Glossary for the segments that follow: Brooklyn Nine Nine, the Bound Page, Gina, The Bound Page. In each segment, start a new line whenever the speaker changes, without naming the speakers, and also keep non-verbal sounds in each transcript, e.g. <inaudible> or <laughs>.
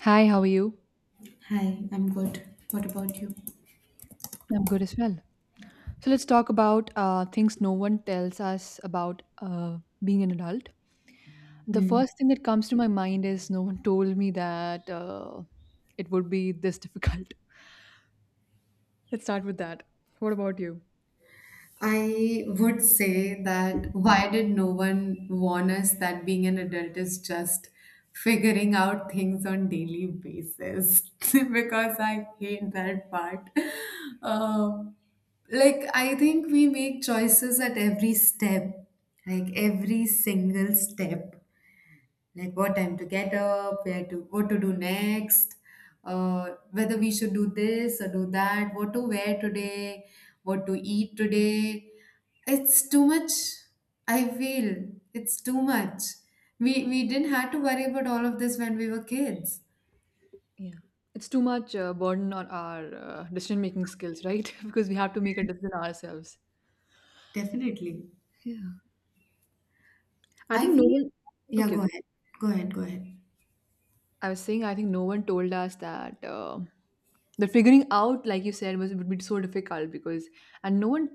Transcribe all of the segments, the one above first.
Hi, how are you?
Hi, I'm good. What about you?
I'm good as well. So let's talk about things no one tells us about being an adult. The
Hmm.
first thing that comes to my mind is no one told me that it would be this difficult. <laughs> Let's start with that. What about you?
I would say that why did no one warn us that being an adult is just figuring out things on daily basis? <laughs> Because I hate that part. Um, like I think we make choices at every step, like every single step. Like what time to get up, where to what to do next, whether we should do this or do that, what to wear today, what to eat today. It's too much. I feel it's too much. We didn't have to worry about all of this when we were kids.
Yeah. It's too much burden on our decision making skills, right? <laughs> Because we have to make a decision ourselves.
Definitely.
Yeah. I
I
think no
feel
one.
yeah.
Okay,
Go
okay.
ahead. Go ahead. Go ahead.
I was saying I think no one told us that the figuring out, like you said, was would be so difficult because and no one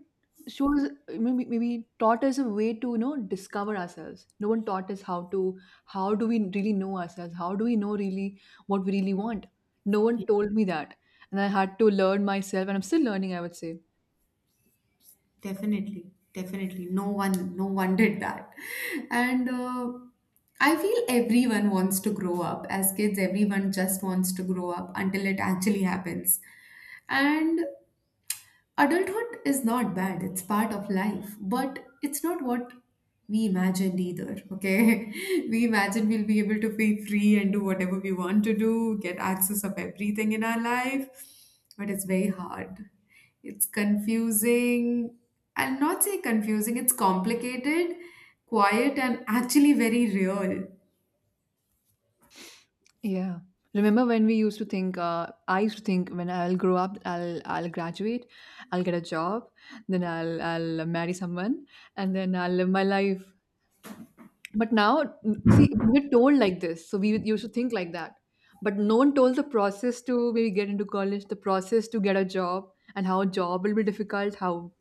shows maybe taught us a way to discover ourselves. No one taught us how to how do we really know ourselves? How do we know really what we really want? No one told me that, and I had to learn myself, and I'm still learning, I would say.
Definitely, definitely. No one, no one did that. <laughs> And I feel everyone wants to grow up. As kids, everyone just wants to grow up until it actually happens. And adulthood is not bad, it's part of life, but it's not what we imagined either, okay? <laughs> We imagine we'll be able to be free and do whatever we want to do, get access of everything in our life, but it's very hard. It's confusing. I'll not say confusing, it's complicated, quiet, and actually very real.
Yeah. Remember when we used to think, I used to think when I'll grow up, I'll graduate, I'll get a job, then I'll marry someone, and then I'll live my life. But now, see, we were told like this, so we used to think like that. But no one told the process to maybe get into college, the process to get a job, and how a job will be difficult, how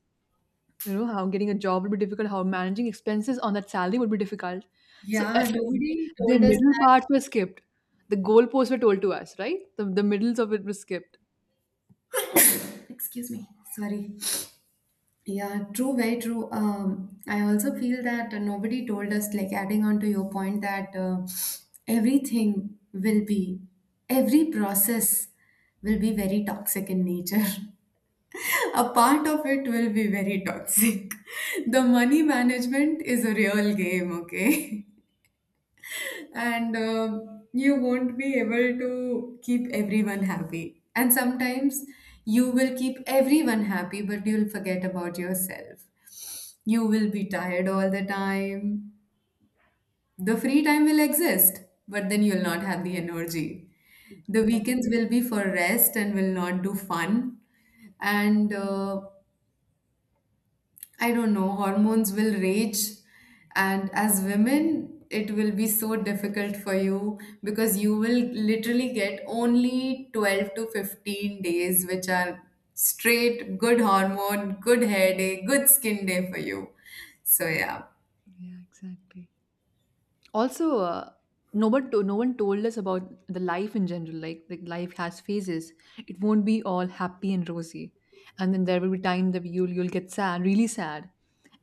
you know, how getting a job will be difficult, how managing expenses on that salary would be difficult. So
Yeah, nobody
the
told us
middle
that.
parts were skipped. The goalposts were told to us, right? The middles of it was skipped.
Excuse me, sorry. Yeah, true, very true. I also feel that nobody told us, like adding on to your point, that everything will be, every process will be very toxic in nature. <laughs> A part of it will be very toxic. <laughs> The money management is a real game, okay? <laughs> And you won't be able to keep everyone happy. And sometimes you will keep everyone happy, but you'll forget about yourself. You will be tired all the time. The free time will exist, but then you'll not have the energy. The
Yeah,
weekends will be for rest and will not do fun. And I don't know, hormones will rage. And as women, it will be so difficult for you because you will literally get only 12 to 15 days, which are straight, good hormone, good hair day, good skin day for you. So, yeah,
yeah, exactly. Also, no one told us about the life in general. Like life has phases. It won't be all happy and rosy, and then there will be time that you'll get sad, really sad,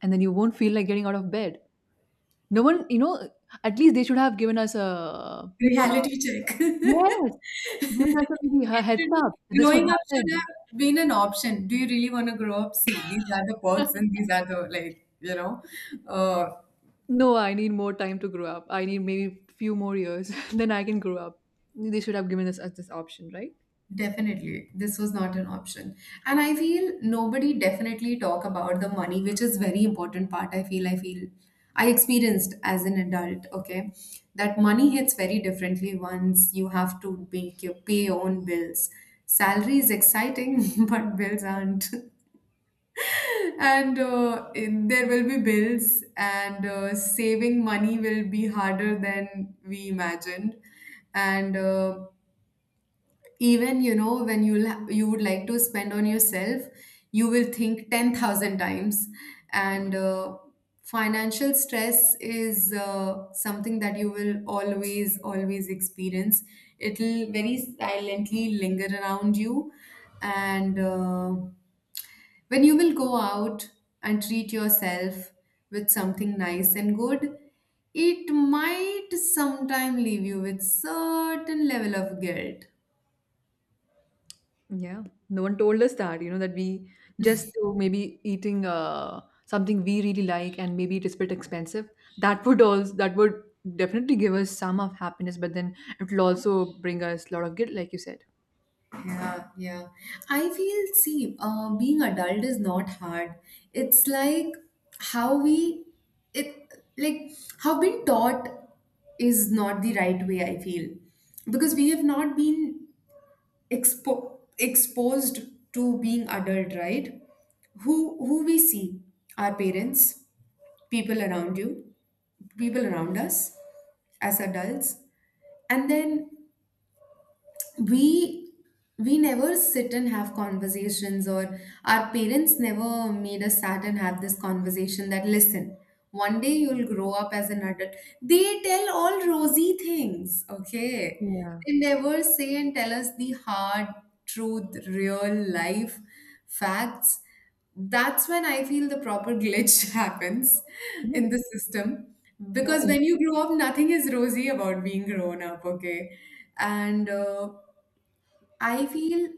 and then you won't feel like getting out of bed. No one, you know, at least they should have given us a
reality check.
yes, give us a maybe a
<laughs>
heads
should-
up that this would
Growing up should
happen.
have been an option. Do you really want to grow up? See, these are the perks
<laughs>
and these are the, like, you know, uh,
No, I need more time to grow up. I need maybe few more years, <laughs> then I can grow up. They should have given us, us this option, right?
definitely, this was not an option. And I feel nobody definitely talk about the money, which is very important part. I feel I feel I experienced as an adult, okay, that money hits very differently once you have to make your pay your own bills. Salary is exciting, <laughs> but bills aren't. <laughs> And there will be bills, and saving money will be harder than we imagined. And even you know when you would like to spend on yourself you will think 10,000 times and financial stress is something that you will always always experience. It'll very silently linger around you and when you will go out and treat yourself with something nice and good it might sometime leave you with certain level of guilt.
Yeah. No one told us that, you know, that we just to maybe eating something we really like and maybe it is a bit expensive. That would definitely give us some of happiness, but then it will also bring us a lot of guilt, like you said.
Yeah, yeah. I feel, see, being adult is not hard. It's like how we, it like how been taught is not the right way. I feel because we have not been exposed to being adult, right? Who we see, our parents, people around you, people around us as adults, and then we never sit and have conversations or our parents never made us sat and have this conversation that listen one day you'll grow up as an adult. They tell all rosy things, okay.
Yeah.
They never say and tell us the hard truth, real life facts. That's when I feel the proper glitch <laughs> happens
You
in
know,
the system
yeah,
because when you grow up nothing is rosy about being grown up, okay. And I feel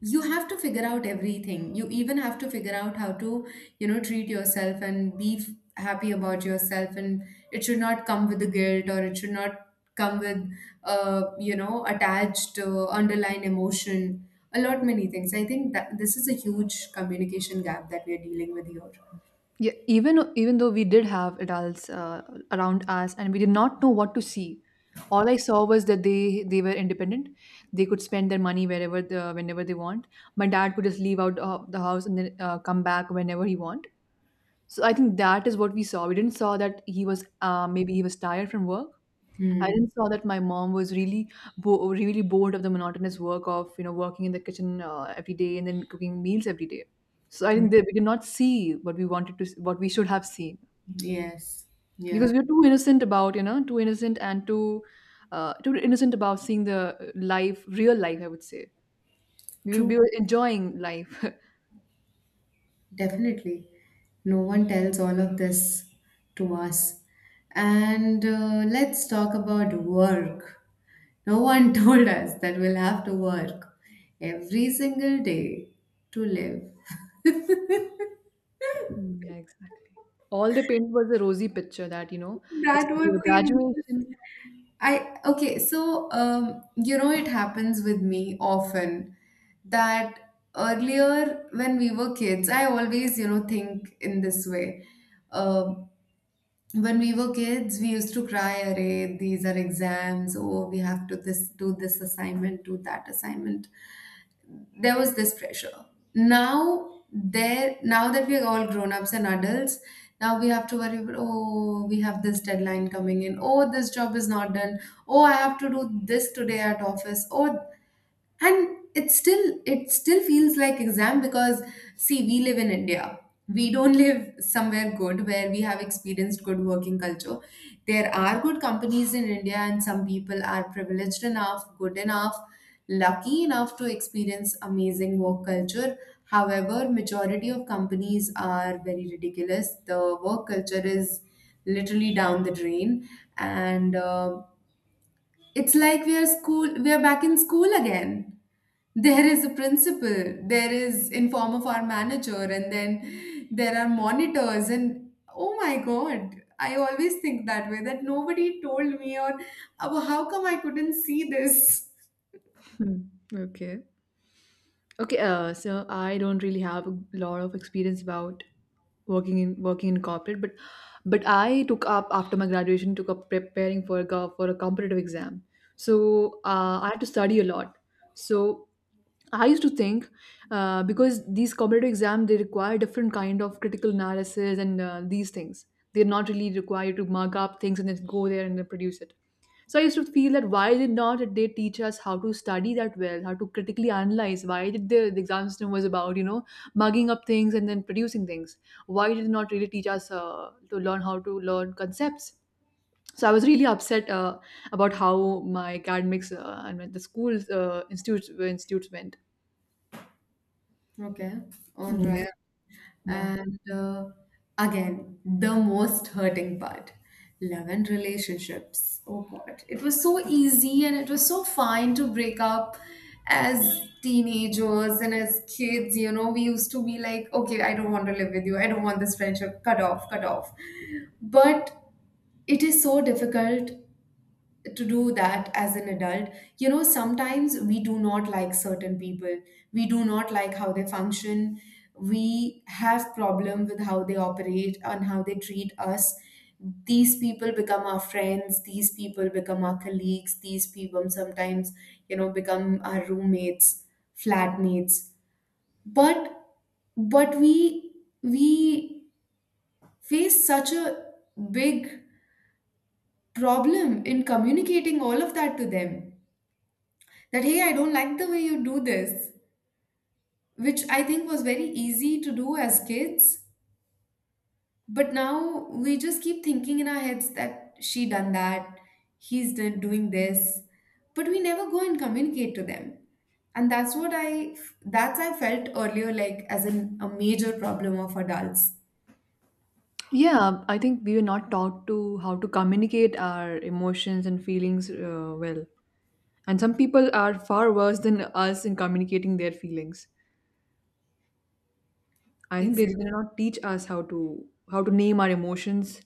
you have to figure out everything. You even have to figure out how to, you know, treat yourself and be happy about yourself. And it should not come with the guilt or it should not come with, you know, attached underlying emotion. A lot many things. I think that this is a huge communication gap that we are dealing with here.
yeah, even even though we did have adults around us and we did not know what to see, all I saw was that they were independent. They could spend their money wherever whenever they want. My dad could just leave out the house and then come back whenever he want. So I think that is what we saw. We didn't saw that he was maybe he was tired from work. I
Hmm.
didn't saw that my mom was really really bored of the monotonous work of working in the kitchen every day and then cooking meals every day. So I
Hmm.
think that we did not see what we wanted to, what we should have seen
Yes. Yeah.
because we were too innocent about too innocent and too too innocent about seeing the life, real life, I would say.
True.
We were enjoying life. <laughs>
Definitely. No one tells all of this to us. And let's talk about work. No one <laughs> told us that we'll have to work every single day to live.
Mm, yeah, exactly. All the
<laughs>
paint was a rosy picture that you know, just
That was
your
the
graduation.
most. I okay, so you know, it happens with me often that earlier when we were kids, I always, you know, think in this way. Um, when we were kids, we used to cry, "Array, these are exams. Oh, we have to this do this assignment, do that assignment." There was this pressure. Now there now that we're all grown ups and adults, now we have to worry about oh, we have this deadline coming in, oh this job is not done, oh I have to do this today at office, oh and it still feels like exam because see we live in india, we don't <laughs> live somewhere good where we have experienced good working culture. There are good companies in india and some people are privileged enough, good enough, lucky enough to experience amazing work culture, however majority of companies are very ridiculous, the work culture is literally down the drain, and it's like we are school, we are back in school again. There is a principal, there is in form of our manager, and then there are monitors and oh my god. I always think that way that nobody told me or "Oh, how come I couldn't see this?
Hmm, okay. Okay, so I don't really have a lot of experience about working in corporate, but I took up after my graduation took up preparing for a for a competitive exam. So I had to study a lot. So I used to think because these competitive exams they require different kind of critical analysis and these things. They're not really required to mark up things and then go there and then produce it. So I used to feel that why did not they teach us how to study that well, how to critically analyze? Why did the exam system was about you know mugging up things and then producing things? Why did it not really teach us to learn how to learn concepts? So I was really upset about how my academics and the school's institutes went.
Okay, all right.
Yeah, yeah.
And again, the most hurting part, love and relationships. Oh God, it was so easy and it was so fine to break up as teenagers and as kids. You know, we used to be like, okay, I don't want to live with you. I don't want this friendship. Cut off, cut off. But it is so difficult to do that as an adult. You know, sometimes we do not like certain people, we do not like how they function, we have problem with how they operate and how they treat us. These people become our friends, these people become our colleagues, these people sometimes, you know, become our roommates, flatmates, but but we face such a big problem in communicating all of that to them, that hey I don't like the way you do this, which I think was very easy to do as kids. But now we just keep thinking in our heads that she done that, he's done doing this, but we never go and communicate to them. And that's what I felt earlier like as an, a major problem of adults.
Yeah, I think we were not taught to how to communicate our emotions and feelings well. And some people are far worse than us in communicating their feelings. I think they
Exactly.
did not teach us how to name our emotions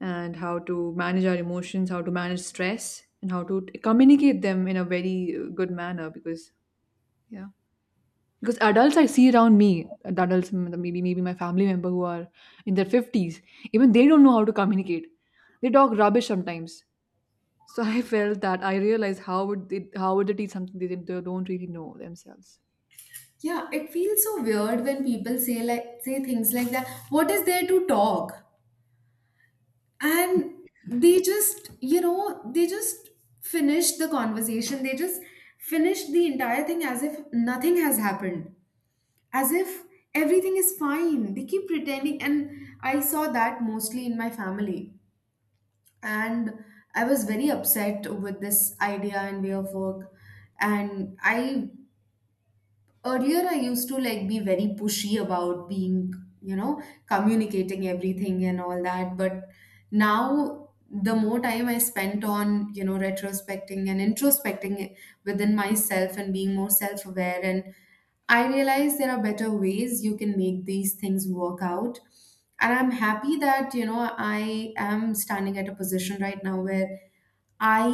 and how to manage our emotions, how to manage stress, and how to communicate them in a very good manner. Because yeah, because adults I see around me, the adults maybe my family member who are in their fifties, even they don't know how to communicate. They talk rubbish sometimes. So <laughs> I felt that I realized how would they teach something they they don't really know themselves.
Yeah, it feels so weird when people say like say things like that what is there to talk, and they just, you know, they just finished the conversation, they just finished the entire thing as if nothing has happened, as if everything is fine, they keep pretending. And I saw that mostly in my family, and I was very upset with this idea and way of work. And I earlier I used to like be very pushy about being, you know, communicating everything and all that. But now the more time I spent on, you know, retrospecting and introspecting within myself and being more self aware, and I realize there are better ways you can make these things work out. And I'm happy that, you know, I am standing at a position right now where I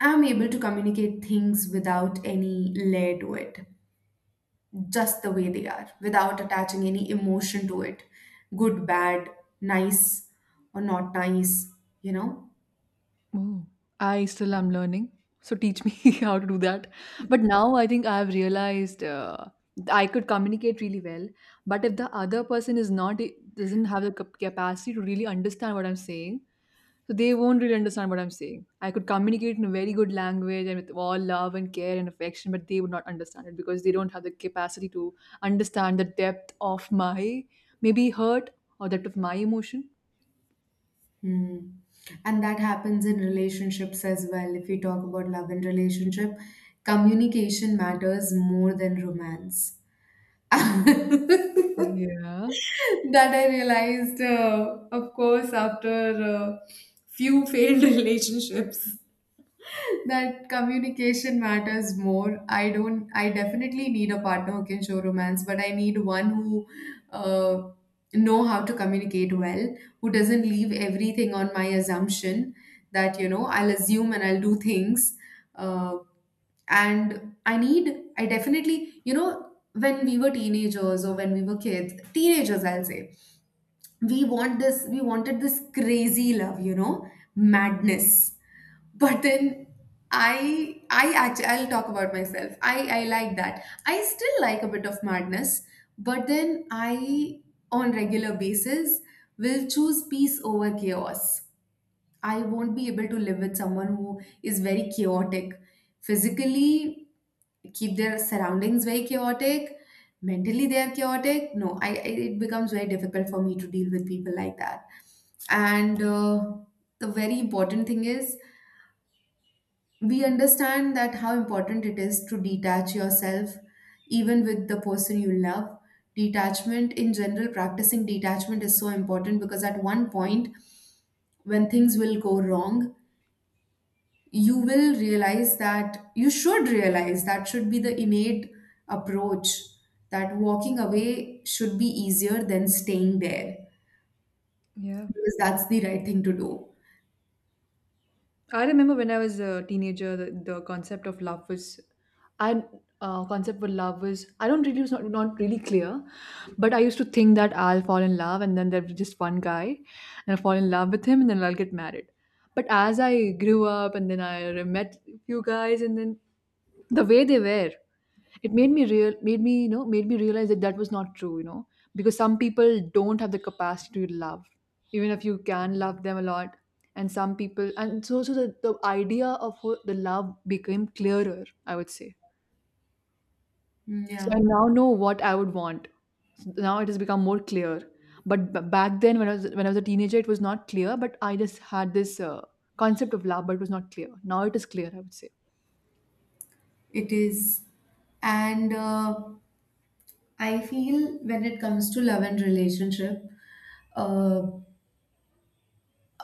am able to communicate things without any layer to it, just the way they are without attaching any emotion to it, good, bad, nice, or not nice, you know.
Oh, I still am learning. So teach me <laughs> how to do that. But now I think I've realized I could communicate really well. But if the other person is not doesn't have the capacity to really understand what I'm saying, so they won't really understand what I'm saying. I could communicate in a very good language and with all love and care and affection, but they would not understand it because they don't have the capacity to understand the depth of my maybe hurt or depth of my emotion.
Hmm. And that happens in relationships as well. If we talk about love and relationship, communication matters more than romance, <laughs> that
Yeah.
I realized, of course, after few failed <laughs> relationships, that communication matters more. I don't. I definitely need a partner who can show romance, but I need one who uh, know how to communicate well, who doesn't leave everything on my assumption that you know I'll assume and I'll do things. Uh, and I need I definitely, you know, when we were teenagers or when we were kids, teenagers I'll say, we want this, we wanted this crazy love, you know, madness, but then I'll talk about myself. I like that, I still like a bit of madness, but then I on regular basis will choose peace over chaos. I won't be able to live with someone who is very chaotic. Physically, keep their surroundings very chaotic. Mentally, they are chaotic. No, I it becomes very difficult for me to deal with people like that. And The very important thing is we understand that how important it is to detach yourself, even with the person you love. Detachment in general, practicing detachment is so important because at one point, when things will go wrong you will realize that you should realize that should be the innate approach, that walking away should be easier than staying there
Yeah.
because that's the right thing to do.
I remember when I was a teenager, the concept of love was, I concept with love was I don't really it was not not really clear, but I used to think that I'll fall in love and then there'll be just one guy, and I'll fall in love with him and then I'll get married. But as I grew up and then I met few guys and then the way they were. It made me real made me, you know, made me realize that that was not true, you know, because some people don't have the capacity to love, even if you can love them a lot. And some people, and so so the idea of the love became clearer, I would say.
Mm,
So
yeah,
I now know what I would want. Now it has become more clear. But back then, when I was a teenager, it was not clear. But I just had this concept of love, but it was not clear. Now it is clear, I would say.
it is. And I feel when it comes to love and relationship, uh,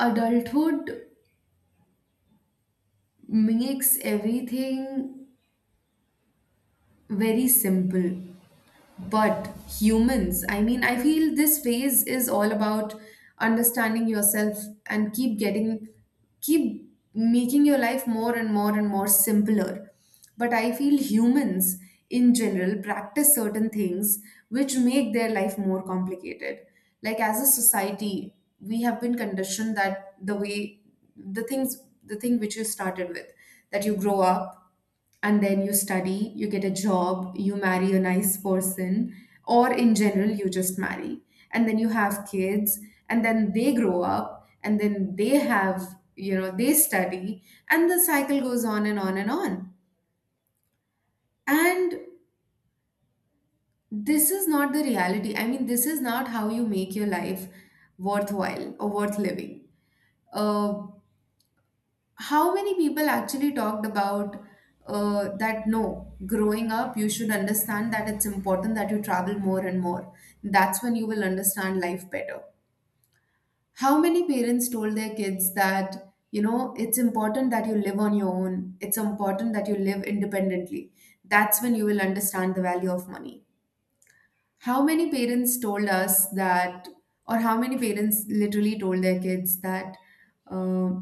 adulthood makes everything very simple. But humans, I mean, I feel this phase is all about understanding yourself and keep making your life more and more and more simpler. But I feel humans in general practice certain things which make their life more complicated. Like as a society, we have been conditioned that the things, the thing which you started with, that you grow up and then you study, you get a job, you marry a nice person, or in general, you just marry. And then you have kids, and then they grow up, and then they have, you know, they study, and the cycle goes on and on and on. And this is not the reality. I mean, this is not how you make your life worthwhile or worth living. Uh, how many people actually talked about that no, growing up you should understand that it's important that you travel more and more, that's when you will understand life better. How many parents told their kids that, you know, it's important that you live on your own, it's important that you live independently? That's when you will understand the value of money. How many parents told us that, or how many parents literally told their kids that uh,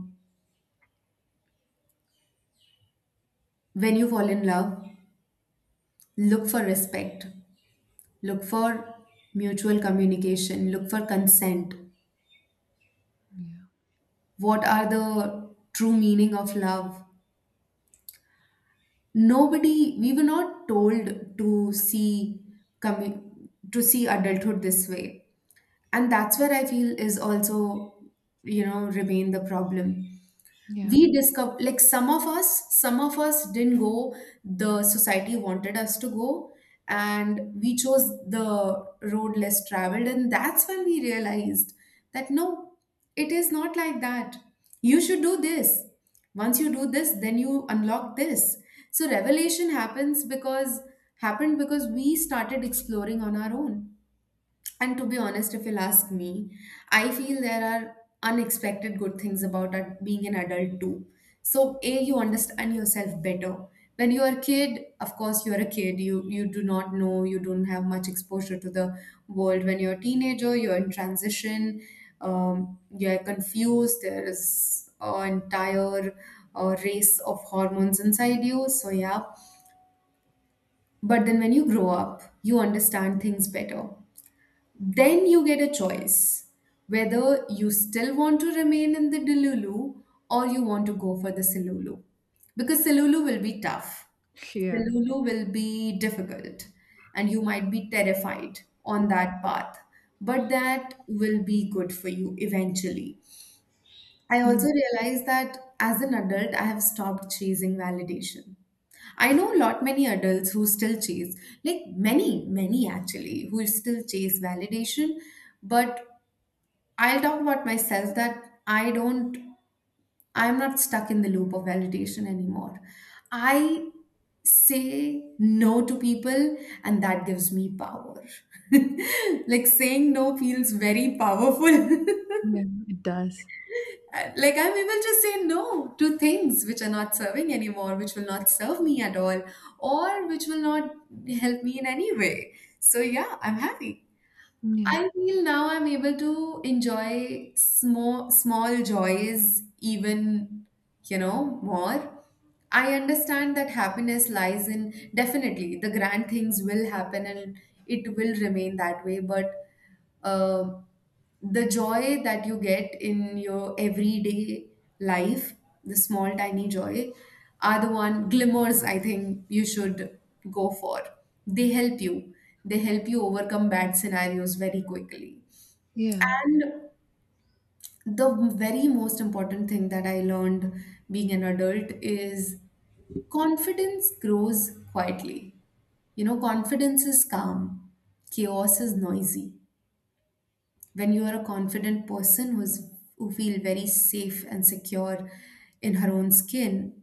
when you fall in love, look for respect, look for mutual communication, look for consent?
Yeah.
What are the true meaning of love? Nobody. We were not told to see to see adulthood this way, and that's where I feel is also, you know, remain the problem.
Yeah.
We discover, like, some of us didn't go the society wanted us to go, and we chose the road less traveled, and that's when we realized that no, it is not like that, you should do this, once you do this then you unlock this. So revelation happens because happened because we started exploring on our own. And to be honest, if you'll ask me, I feel there are unexpected good things about being an adult too. So, A, you understand yourself better. When you are a kid, of course, you are a kid. You do not know. You don't have much exposure to the world. When you're a teenager, you're in transition. Um, you're confused. There is an entire race of hormones inside you. So yeah. But then when you grow up, you understand things better. Then you get a choice whether you still want to remain in the Delulu or you want to go for the Silulu. Because Silulu will be tough,
Yeah.
Silulu will be difficult, and you might be terrified on that path. But that will be good for you eventually. I also
Yeah.
realize that as an adult, I have stopped chasing validation. I know a lot many adults who still chase, like many, many actually, who still chase validation. But I'll talk about myself that I don't, I'm not stuck in the loop of validation anymore. I say no to people, and that gives me power. <laughs> Like saying no feels very powerful. <laughs>
Yeah. It does.
Like, I'm able to say no to things which are not serving anymore, which will not serve me at all, or which will not help me in any way. So yeah, I'm happy.
Yeah.
I feel now I'm able to enjoy small small joys even, you know, more. I understand that happiness lies in, definitely the grand things will happen and it will remain that way, but um the joy that you get in your everyday life, the small tiny joy, are the one glimmers I think you should go for. They help you. They help you overcome bad scenarios very quickly.
Yeah.
And the very most important thing that I learned being an adult is confidence grows quietly. You know, confidence is calm, chaos is noisy. When you are a confident person who's who feel very safe and secure in her own skin,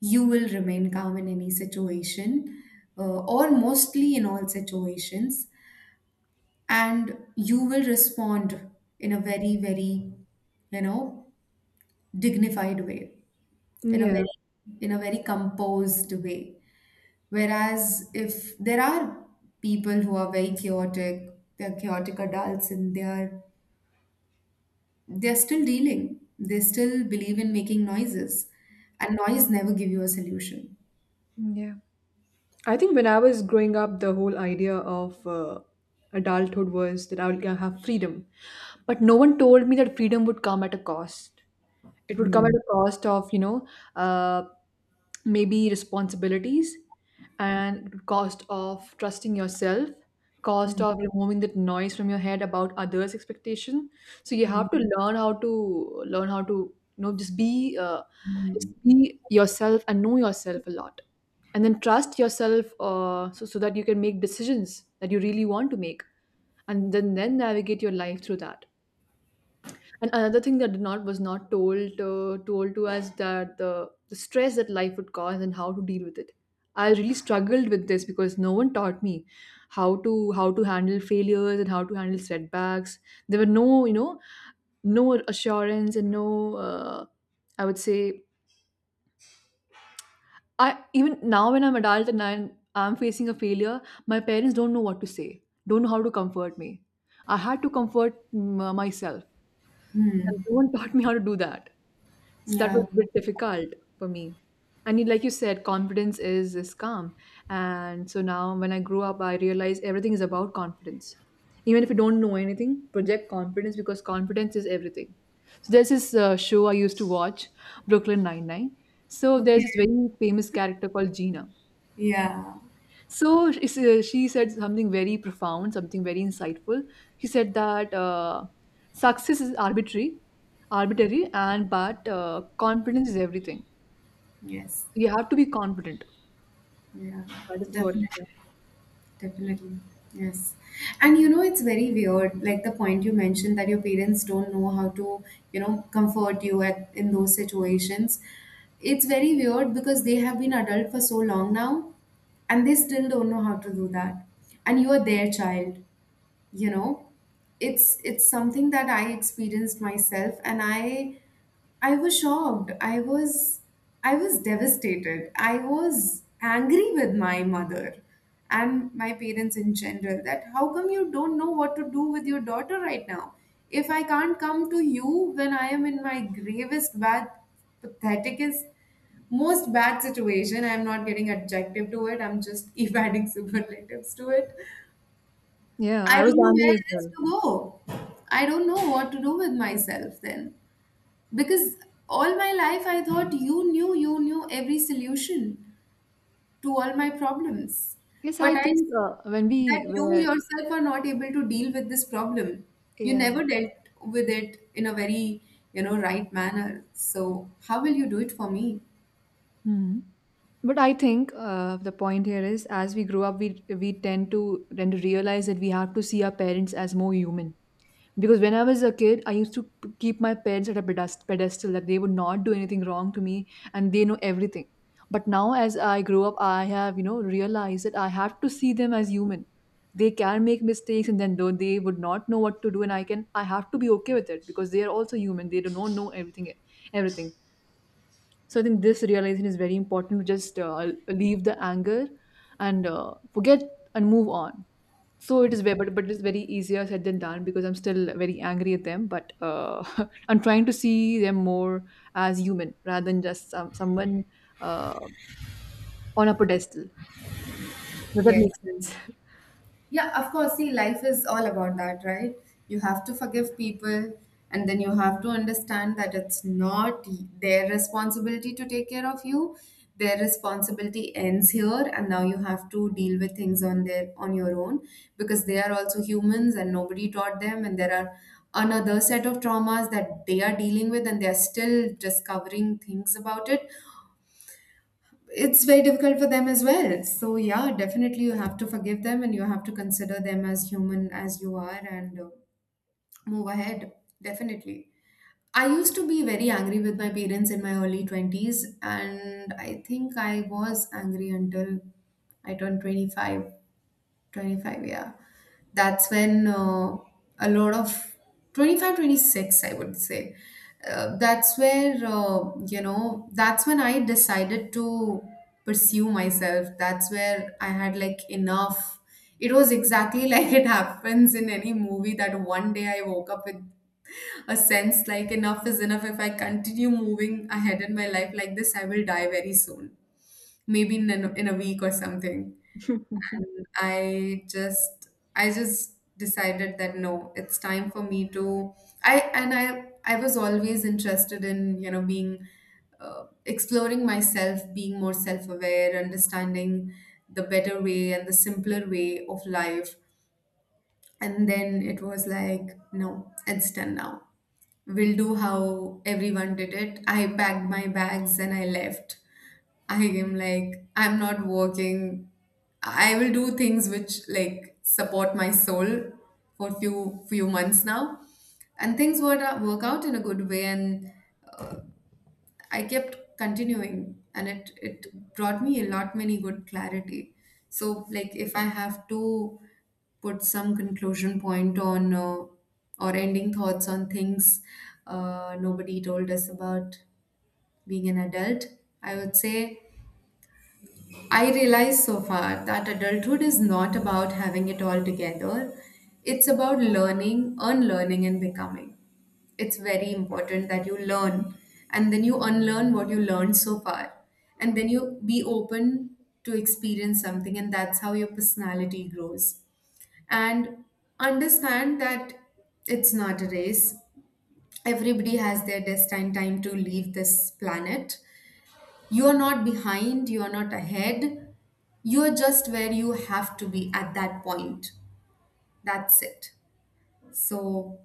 you will remain calm in any situation, or mostly in all situations, and you will respond in a very very, you know, dignified way, in a
Yeah.
very, in a very composed way. Whereas if there are people who are very chaotic, they're chaotic adults and they're still dealing. They still believe in making noises, and noise never give you a solution.
Yeah. I think when I was growing up, the whole idea of adulthood was that I will have freedom. But no one told me that freedom would come at a cost. It would come at
Hmm.
a cost of, you know, uh, maybe responsibilities and cost of trusting yourself, cost
Hmm.
of removing that noise from your head about others' expectation. So you have to learn how to learn how to, you know, just
Hmm.
be yourself and know yourself a lot and then trust yourself so, so that you can make decisions that you really want to make and then navigate your life through that, and another thing that did not was not told told to us that the stress that life would cause and how to deal with it. I really struggled with this because no one taught me how to handle failures and how to handle setbacks. There were no you know no assurance and no I would say I even now when I'm adult and I'm facing a failure, my parents don't know what to say, don't know how to comfort me. I had to comfort myself, and
Hmm.
no one <laughs> taught me how to do that. So that was
Yeah.
a bit difficult for me. And like you said, confidence is calm. And so now when I grew up, I realized everything is about confidence. Even if you don't know anything, project confidence because confidence is everything. So there's this show I used to watch, Brooklyn Nine Nine. So there's
Okay.
this very famous character called Gina,
Yeah.
so she she said something very profound, something very insightful. She said that success is arbitrary, arbitrary, and but confidence is everything.
Yes.
So, you have to be confident.
Yeah.
That is what.
Definitely.
Yeah,
Definitely. Yes. And you know, it's very weird, like the point you mentioned that your parents don't know how to, you know, comfort you at in those situations. It's very weird because they have been adult for so long now and they still don't know how to do that. And you are their child. You know, it's something that I experienced myself, and I was shocked, I was, I was devastated, I was angry with my mother and my parents in general that how come you don't know what to do with your daughter right now? If I can't come to you when I am in my gravest bad patheticest most bad situation, I'm not getting adjective to it, I'm just <laughs> adding superlatives to it.
yeah,
I
I was
don't know where
angry as
else
well.
to go. I don't know what to do with myself then. Because all my life I thought you knew every solution to all my problems.
Yes,
But
I
I
think when
see that
we
you
were
yourself are not able to deal with this problem. You
yeah.
never dealt with it in a very, you know, right manner. So how will you do it for me?
Hmm. But I think the point here is, as we grow up, we tend to tend to realize that we have to see our parents as more human. Because when I was a kid, I used to keep my parents at a pedestal that they would not do anything wrong to me and they know everything. But now, as I grow up, I have, you know, realized that I have to see them as human. They can make mistakes and then though they would not know what to do and I can I have to be okay with it because they are also human. They do not know everything. So I think this realization is very important to just leave the anger and forget and move on, so it is very, but it is very easier said than done because I'm still very angry at them. But <laughs> I'm trying to see them more as human rather than just someone uh, on a pedestal. Does that make
Yes.
sense?
Yeah, of course. See, life is all about that, right? You have to forgive people, and then you have to understand that it's not their responsibility to take care of you. Their responsibility ends here, and now you have to deal with things on their on your own because they are also humans, and nobody taught them, and there are another set of traumas that they are dealing with, and they are still discovering things about it. It's very difficult for them as well. So yeah, definitely you have to forgive them and you have to consider them as human as you are, and move ahead. Definitely. I used to be very angry with my parents in my early 20s, and I think I was angry until I turned 25. 25, yeah, that's when a lot of 25, 26, I would say, that's where you know, that's when I decided to pursue myself, that's where I had, like, enough. It was exactly <laughs> like it happens in any movie, that one day I woke up with a sense like enough is enough. If I continue moving ahead in my life like this, I will die very soon, maybe in a week or something. And I just decided that no, it's time for me to. I was always interested in, you know, being exploring myself, being more self aware, understanding the better way and the simpler way of life. And then it was like no, it's done now, we'll do how everyone did it. I packed my bags and I left. I am like, I'm not working, I will do things which like support my soul for few months now, and things would work out in a good way, and I kept continuing and it brought me a lot many good clarity. So like if I have to put some conclusion point on or ending thoughts on things, nobody told us about being an adult, I would say. I realize so far that adulthood is not about having it all together. It's about learning, unlearning and becoming. It's very important that you learn and then you unlearn what you learned so far, and then you be open to experience something, and that's how your personality grows. And understand that it's not a race. Everybody has their destined time to leave this planet. You are not behind, you are not ahead, you are just where you have to be at that point. That's it. So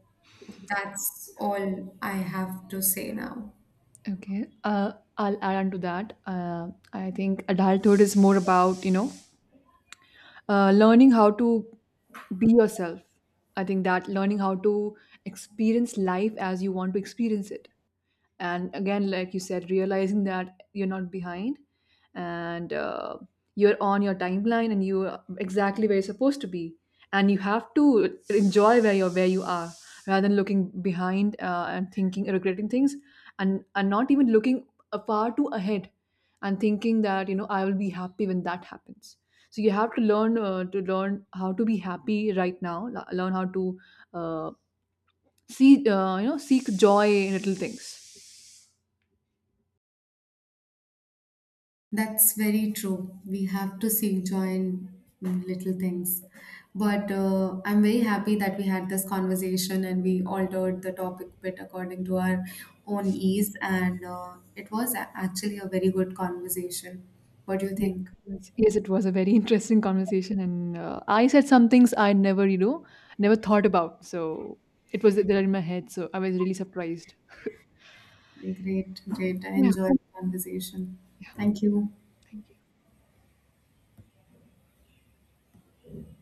that's all I have to say now.
Okay. I'll add on to that. I think adulthood is more about, you know, learning how to be yourself. I think that learning how to experience life as you want to experience it, and again like you said, realizing that you're not behind, and you're on your timeline and you're exactly where you're supposed to be, and you have to enjoy where you're where you are, rather than looking behind and thinking regretting things, and not even looking far too ahead and thinking that you know I will be happy when that happens. So you have to learn how to be happy right now. Learn how to uh, see you know seek joy in little things.
That's very true. We have to seek joy in little things. But I'm very happy that we had this conversation and we altered the topic a bit according to our own ease. And it was actually a very good conversation. What do you
Yes,
think?
yes, yes, it was a very <laughs> interesting conversation, and I said some things I never, you know, never thought about. So it was there in my head. So I was really surprised.
Great, great. I
Yeah,
enjoyed the conversation. Thank you.
thank you.